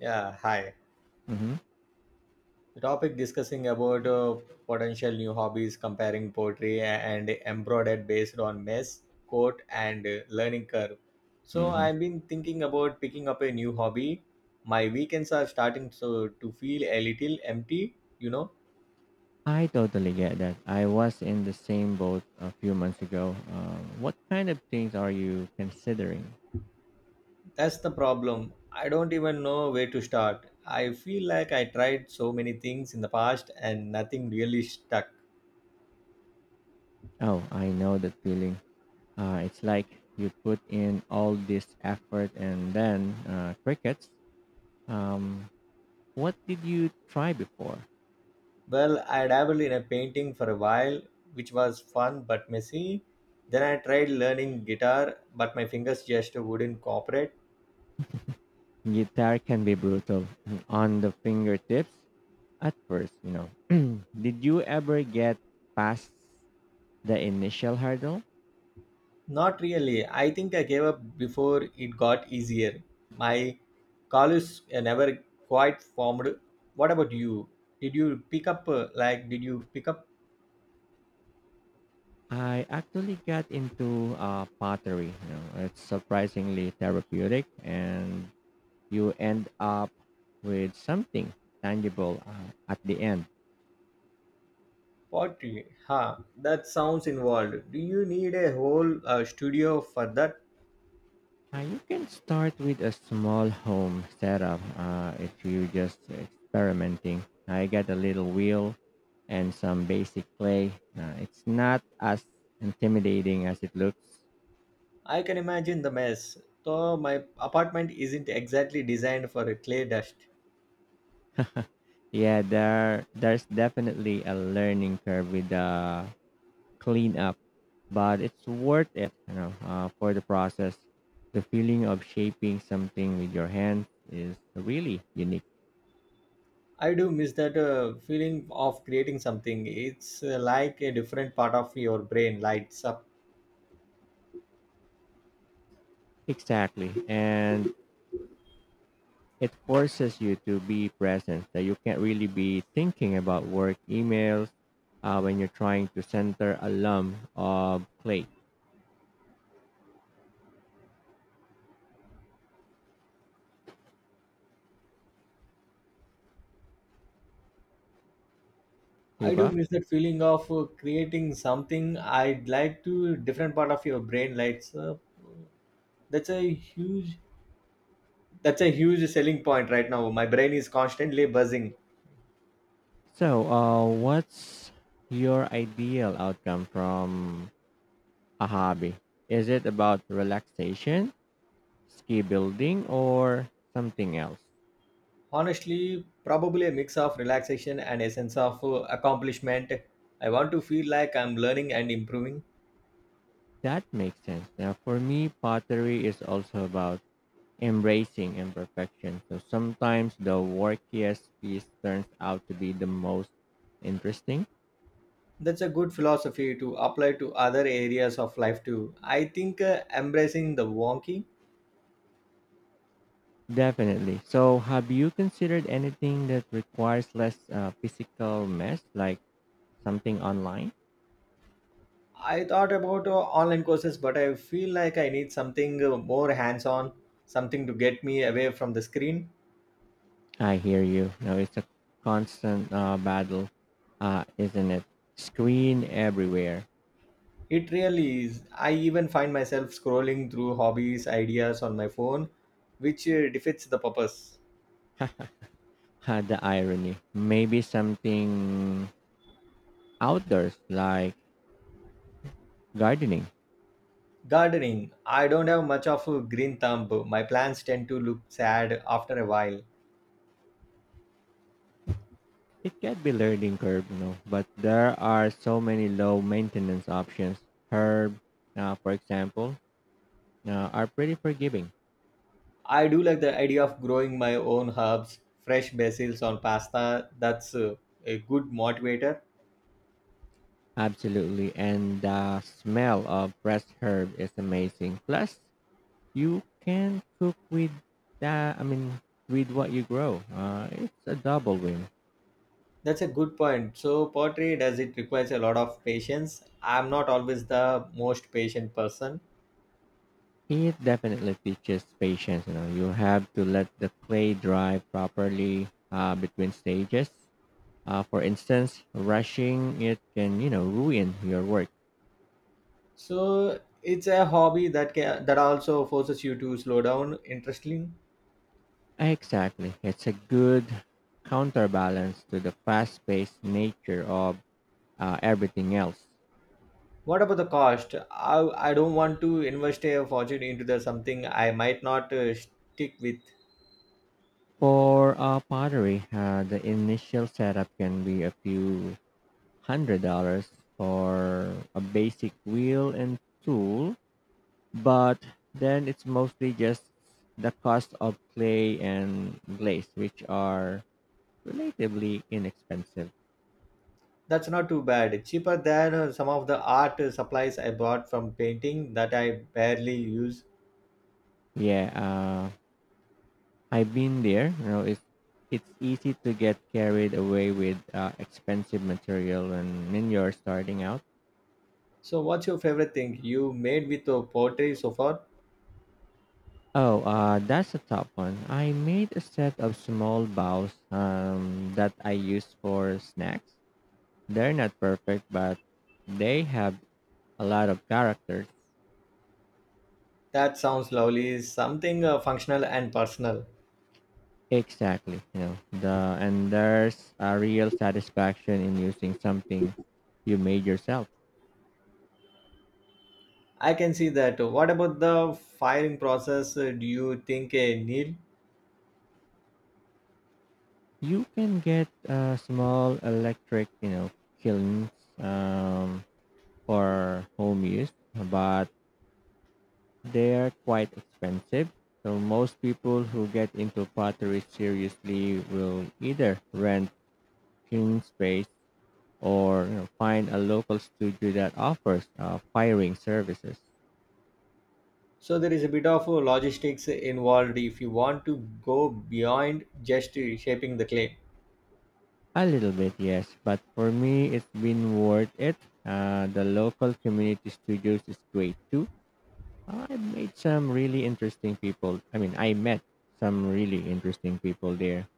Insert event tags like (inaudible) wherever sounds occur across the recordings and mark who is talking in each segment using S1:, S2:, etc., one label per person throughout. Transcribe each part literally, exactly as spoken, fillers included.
S1: Yeah, hi.
S2: Mm-hmm.
S1: The topic discussing about uh, potential new hobbies, comparing poetry and embroidered based on mess, coat, and uh, learning curve. So
S2: Mm-hmm.
S1: I've been thinking about picking up a new hobby. My weekends are starting to, to feel a little empty, you know.
S2: I totally get that. I was in the same boat a few months ago. Um, what kind of things are you considering?
S1: That's the problem. I don't even know where to start. I feel like I tried so many things in the past and nothing really stuck.
S2: Oh, I know that feeling. Uh, it's like you put in all this effort and then uh, crickets. Um, what did you try before?
S1: Well, I dabbled in a painting for a while, which was fun but messy. Then I tried learning guitar, but my fingers just wouldn't cooperate.
S2: Guitar can be brutal (clears throat) on the fingertips at first, you know. (clears throat) Did you ever get past the initial hurdle?
S1: Not really. I think I gave up before it got easier. My callus uh, never quite formed. What about you? Did you pick up uh, like did you pick up
S2: I actually got into uh, pottery. You know, it's surprisingly therapeutic, and you end up with something tangible uh, at the end.
S1: pottery? Huh, that sounds involved. Do you need a whole uh, studio for that?
S2: Uh, you can start with a small home setup uh, if you are just experimenting. I got a little wheel and some basic clay. Uh, it's not as intimidating as it looks.
S1: I can imagine the mess, though my apartment isn't exactly designed for a clay dust.
S2: Yeah, there there's definitely a learning curve with the clean up, but it's worth it, you know, uh, for the process. The feeling of shaping something with your hands is really unique.
S1: I do miss that uh, feeling of creating something. It's uh, like a different part of your brain lights up.
S2: Exactly. And it forces you to be present, that you can't really be thinking about work emails uh, when you're trying to center a lump of clay.
S1: I do
S2: Diba?
S1: miss that feeling of uh, creating something. I'd like to different part of your brain lights up. That's a huge that's a huge selling point right now. My brain is constantly buzzing.
S2: So, uh, what's your ideal outcome from a hobby? Is it about relaxation ski building or something else?
S1: Honestly, probably a mix of relaxation and a sense of uh, accomplishment. I want to feel like I'm learning and improving.
S2: That makes sense. Now, for me, pottery is also about embracing imperfection. So sometimes the workiest piece turns out to be the most interesting.
S1: That's a good philosophy to apply to other areas of life too. I think uh, embracing the wonky.
S2: Definitely. So, have you considered anything that requires less uh, physical mess, like something online?
S1: I thought about uh, online courses, but I feel like I need something uh, more hands on, something to get me away from the screen.
S2: I hear you. Now, it's a constant uh, battle, uh, isn't it? Screen everywhere
S1: It really is. I even find myself scrolling through hobbies, ideas on my phone, which uh, defeats the purpose.
S2: had the irony. Maybe something outdoors like gardening.
S1: Gardening. I don't have much of a green thumb. My plants tend to look sad after a while.
S2: It can be learning curve, you know, but there are so many low maintenance options. Herb, uh, for example, uh, are pretty forgiving.
S1: I do like the idea of growing my own herbs, fresh basils on pasta. That's uh, a good motivator.
S2: Absolutely. And the smell of fresh herb is amazing. Plus, you can cook with that, I mean, with what you grow. Uh, it's a double win.
S1: That's a good point. So pottery does it requires a lot of patience. I'm not always the most patient person.
S2: It definitely teaches patience. You know, you have to let the clay dry properly uh, between stages. Uh, for instance, rushing it can, you know, ruin your work.
S1: So it's a hobby that can, that also forces you to slow down. Interesting.
S2: Exactly. It's a good counterbalance to the fast paced nature of uh, everything else.
S1: What about the cost? I, I don't want to invest a fortune into the something I might not uh, stick with.
S2: For uh, pottery, uh, the initial setup can be a few hundred dollars for a basic wheel and tool. But then it's mostly just the cost of clay and glaze, which are relatively inexpensive.
S1: That's not too bad. Cheaper than uh, some of the art uh, supplies I bought from painting that I barely use.
S2: Yeah, uh, I've been there. You know, it's it's easy to get carried away with uh, expensive material when, when you're starting out.
S1: So, what's your favorite thing you made with uh, pottery so far?
S2: Oh, uh, that's a top one. I made a set of small bows um, that I use for snacks. They're not perfect, but they have a lot of character.
S1: That sounds lovely. Something uh, functional and personal.
S2: Exactly. You know, the and there's a real satisfaction in using something you made yourself.
S1: I can see that. What about the firing process? Uh, Do you think a needle?
S2: You can get uh, small electric, you know, kilns um, for home use, but they're quite expensive. So most people who get into pottery seriously will either rent kiln space or you know, find a local studio that offers uh, firing services.
S1: So there is a bit of uh, logistics involved if you want to go beyond just uh, shaping the claim.
S2: A little bit, yes, but for me, it's been worth it. Uh, the local community studios is great too. Uh, I made some really interesting people. I mean, I met some really interesting people there.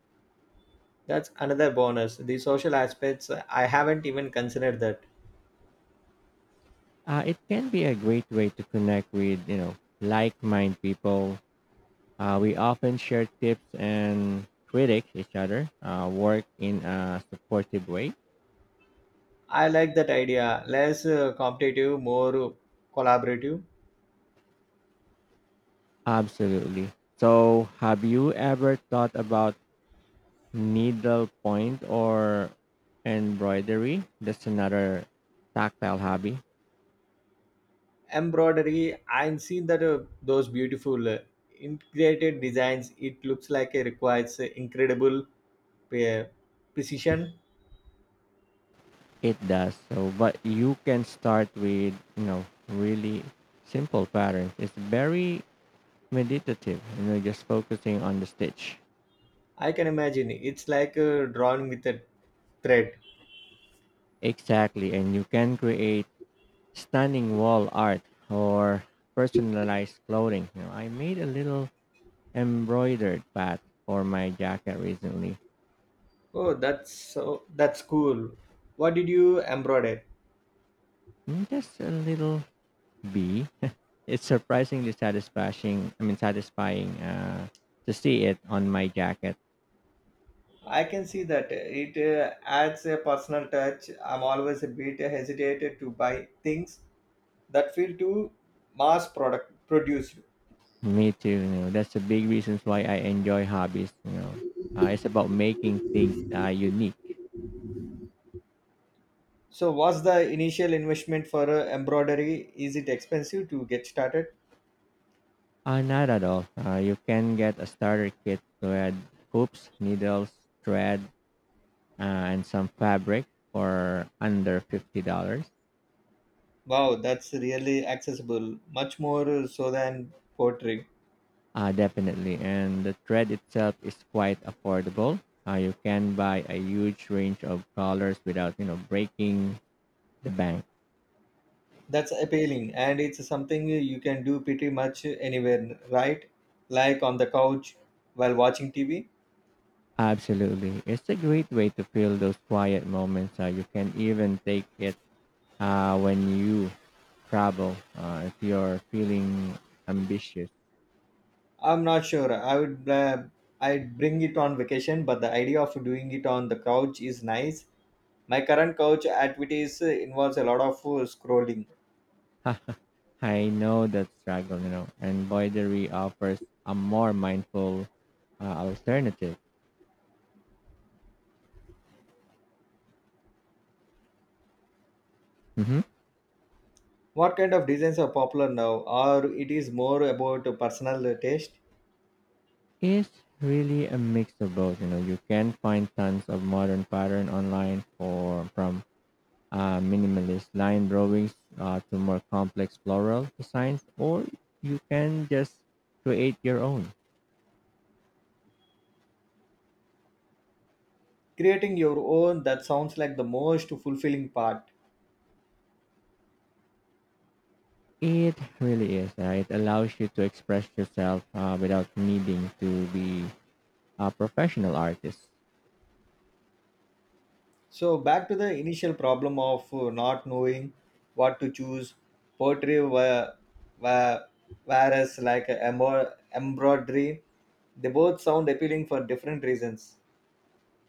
S1: That's another bonus. The social aspects, uh, I haven't even considered that.
S2: Uh, it can be a great way to connect with, you know, like-minded people. Uh, we often share tips and critique each other, uh, work in a supportive way.
S1: I like that idea. Less uh, competitive, more uh, collaborative.
S2: Absolutely. So, have you ever thought about needlepoint or embroidery? That's another tactile hobby.
S1: Embroidery, I've seen that uh, those beautiful uh, integrated designs, it looks like it requires uh, incredible uh, precision.
S2: It does so, but you can start with you know really simple patterns. It's very meditative. You know, just focusing on the stitch.
S1: I can imagine it's like uh, drawing with a thread.
S2: Exactly, and you can create stunning wall art or personalized clothing. You know, I made a little embroidered pad for my jacket recently.
S1: Oh, that's so that's cool. What did you embroider?
S2: Mm, Just a little bee. It's surprisingly satisfying. I mean, satisfying uh, to see it on my jacket.
S1: I can see that it uh, adds a personal touch. I'm always a bit hesitant to buy things that feel too mass product produced.
S2: Me too. You know, that's a big reason why I enjoy hobbies. You know, uh, it's about making things uh, unique.
S1: So, what's the initial investment for uh, embroidery? Is it expensive to get started?
S2: Uh, not at all. Uh, you can get a starter kit with hoops, needles, thread, uh, and some fabric for under fifty dollars.
S1: Wow, that's really accessible, much more uh, so than pottery.
S2: Uh, definitely, and the thread itself is quite affordable. Uh, you can buy a huge range of colors without you know breaking the bank.
S1: That's appealing, and it's something you can do pretty much anywhere, right? Like on the couch while watching T V.
S2: Absolutely. It's a great way to feel those quiet moments. Uh, you can even take it uh, when you travel uh, if you're feeling ambitious.
S1: I'm not sure. I would uh, I'd bring it on vacation, but the idea of doing it on the couch is nice. My current couch activities uh, involves a lot of uh, scrolling.
S2: (laughs) I know that struggle, you know, embroidery offers a more mindful uh, alternative. Hmm.
S1: What kind of designs are popular now, or it is more about personal taste?
S2: It's really a mix of both, you know. You can find tons of modern pattern online for from uh, minimalist line drawings uh, to more complex floral designs, or you can just create your own.
S1: Creating your own that sounds like the most fulfilling part.
S2: It really is. Uh, it allows you to express yourself uh, without needing to be a professional artist.
S1: So back to the initial problem of uh, not knowing what to choose. Poetry, were, were, whereas like a embro- embroidery, they both sound appealing for different reasons.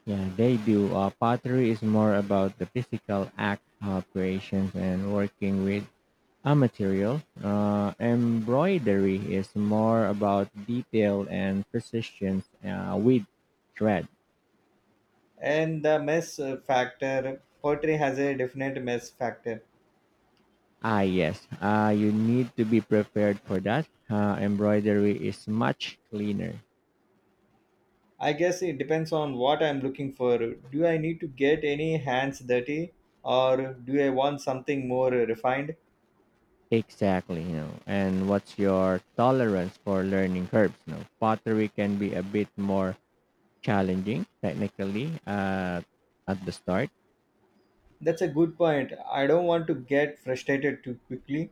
S2: Yeah, they do. Uh, pottery is more about the physical act of creations and working with a material. Uh, embroidery is more about detail and precision uh, with thread.
S1: And the mess uh, factor, poetry has a definite mess factor.
S2: Ah, yes. Uh, you need to be prepared for that. Uh, embroidery is much cleaner.
S1: I guess it depends on what I'm looking for. Do I need to get any hands dirty, or do I want something more refined?
S2: Exactly, you know. And what's your tolerance for learning curves? You know, pottery can be a bit more challenging technically uh, at the start.
S1: That's a good point. I don't want to get frustrated too quickly.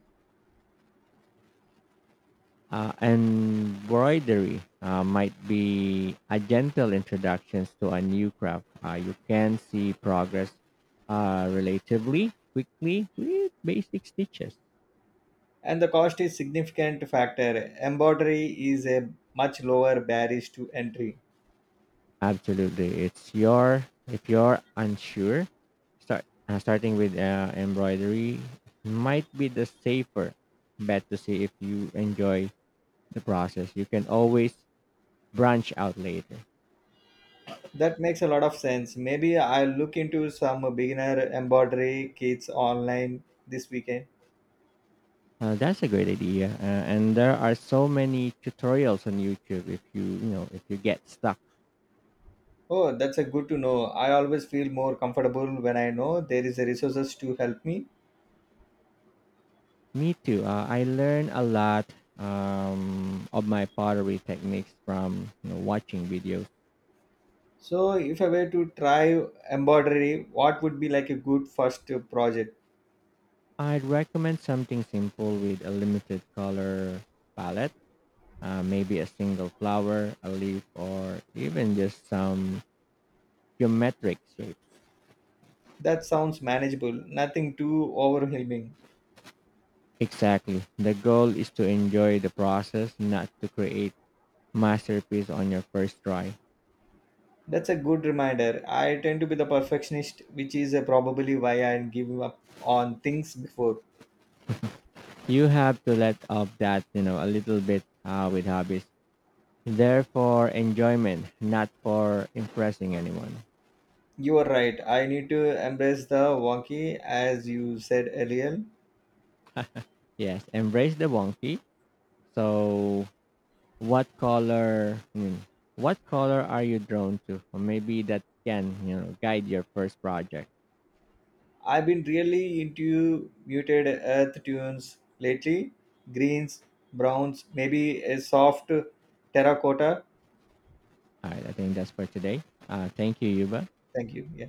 S2: Uh, embroidery uh, might be a gentle introduction to a new craft. Uh, you can see progress uh, relatively quickly with basic stitches.
S1: And the cost is significant factor embroidery is a much lower barrier to entry.
S2: Absolutely. It's your if you're unsure, start uh, starting with uh, embroidery might be the safer bet to see if you enjoy the process. You can always branch out later.
S1: That makes a lot of sense. Maybe I'll look into some beginner embroidery kits online this weekend.
S2: Uh, that's a great idea, uh, and there are so many tutorials on YouTube. If you you know if you get stuck,
S1: Oh, that's a good to know. I always feel more comfortable when I know there is a resources to help me.
S2: me too. Uh, I learn a lot um, of my pottery techniques from you know, watching videos.
S1: So if I were to try embroidery what would be like a good first project?
S2: I'd recommend something simple with a limited color palette, uh, maybe a single flower, a leaf, or even just some geometric shapes.
S1: That sounds manageable, nothing too overwhelming.
S2: Exactly. The goal is to enjoy the process, not to create masterpiece on your first try.
S1: That's a good reminder. I tend to be the perfectionist, which is uh, probably why I give up on things before.
S2: You have to let off that, you know, a little bit uh, with hobbies. They're for enjoyment, not for impressing anyone.
S1: You are right. I need to embrace the wonky, as you said earlier.
S2: Yes, embrace the wonky. So what color I mean, what color are you drawn to, or maybe that can you know guide your first project.
S1: I've been really into muted earth tunes lately. Greens, browns, maybe a soft terracotta.
S2: All right, I think that's for today. Uh, thank you, Yuba.
S1: Thank you. Yeah.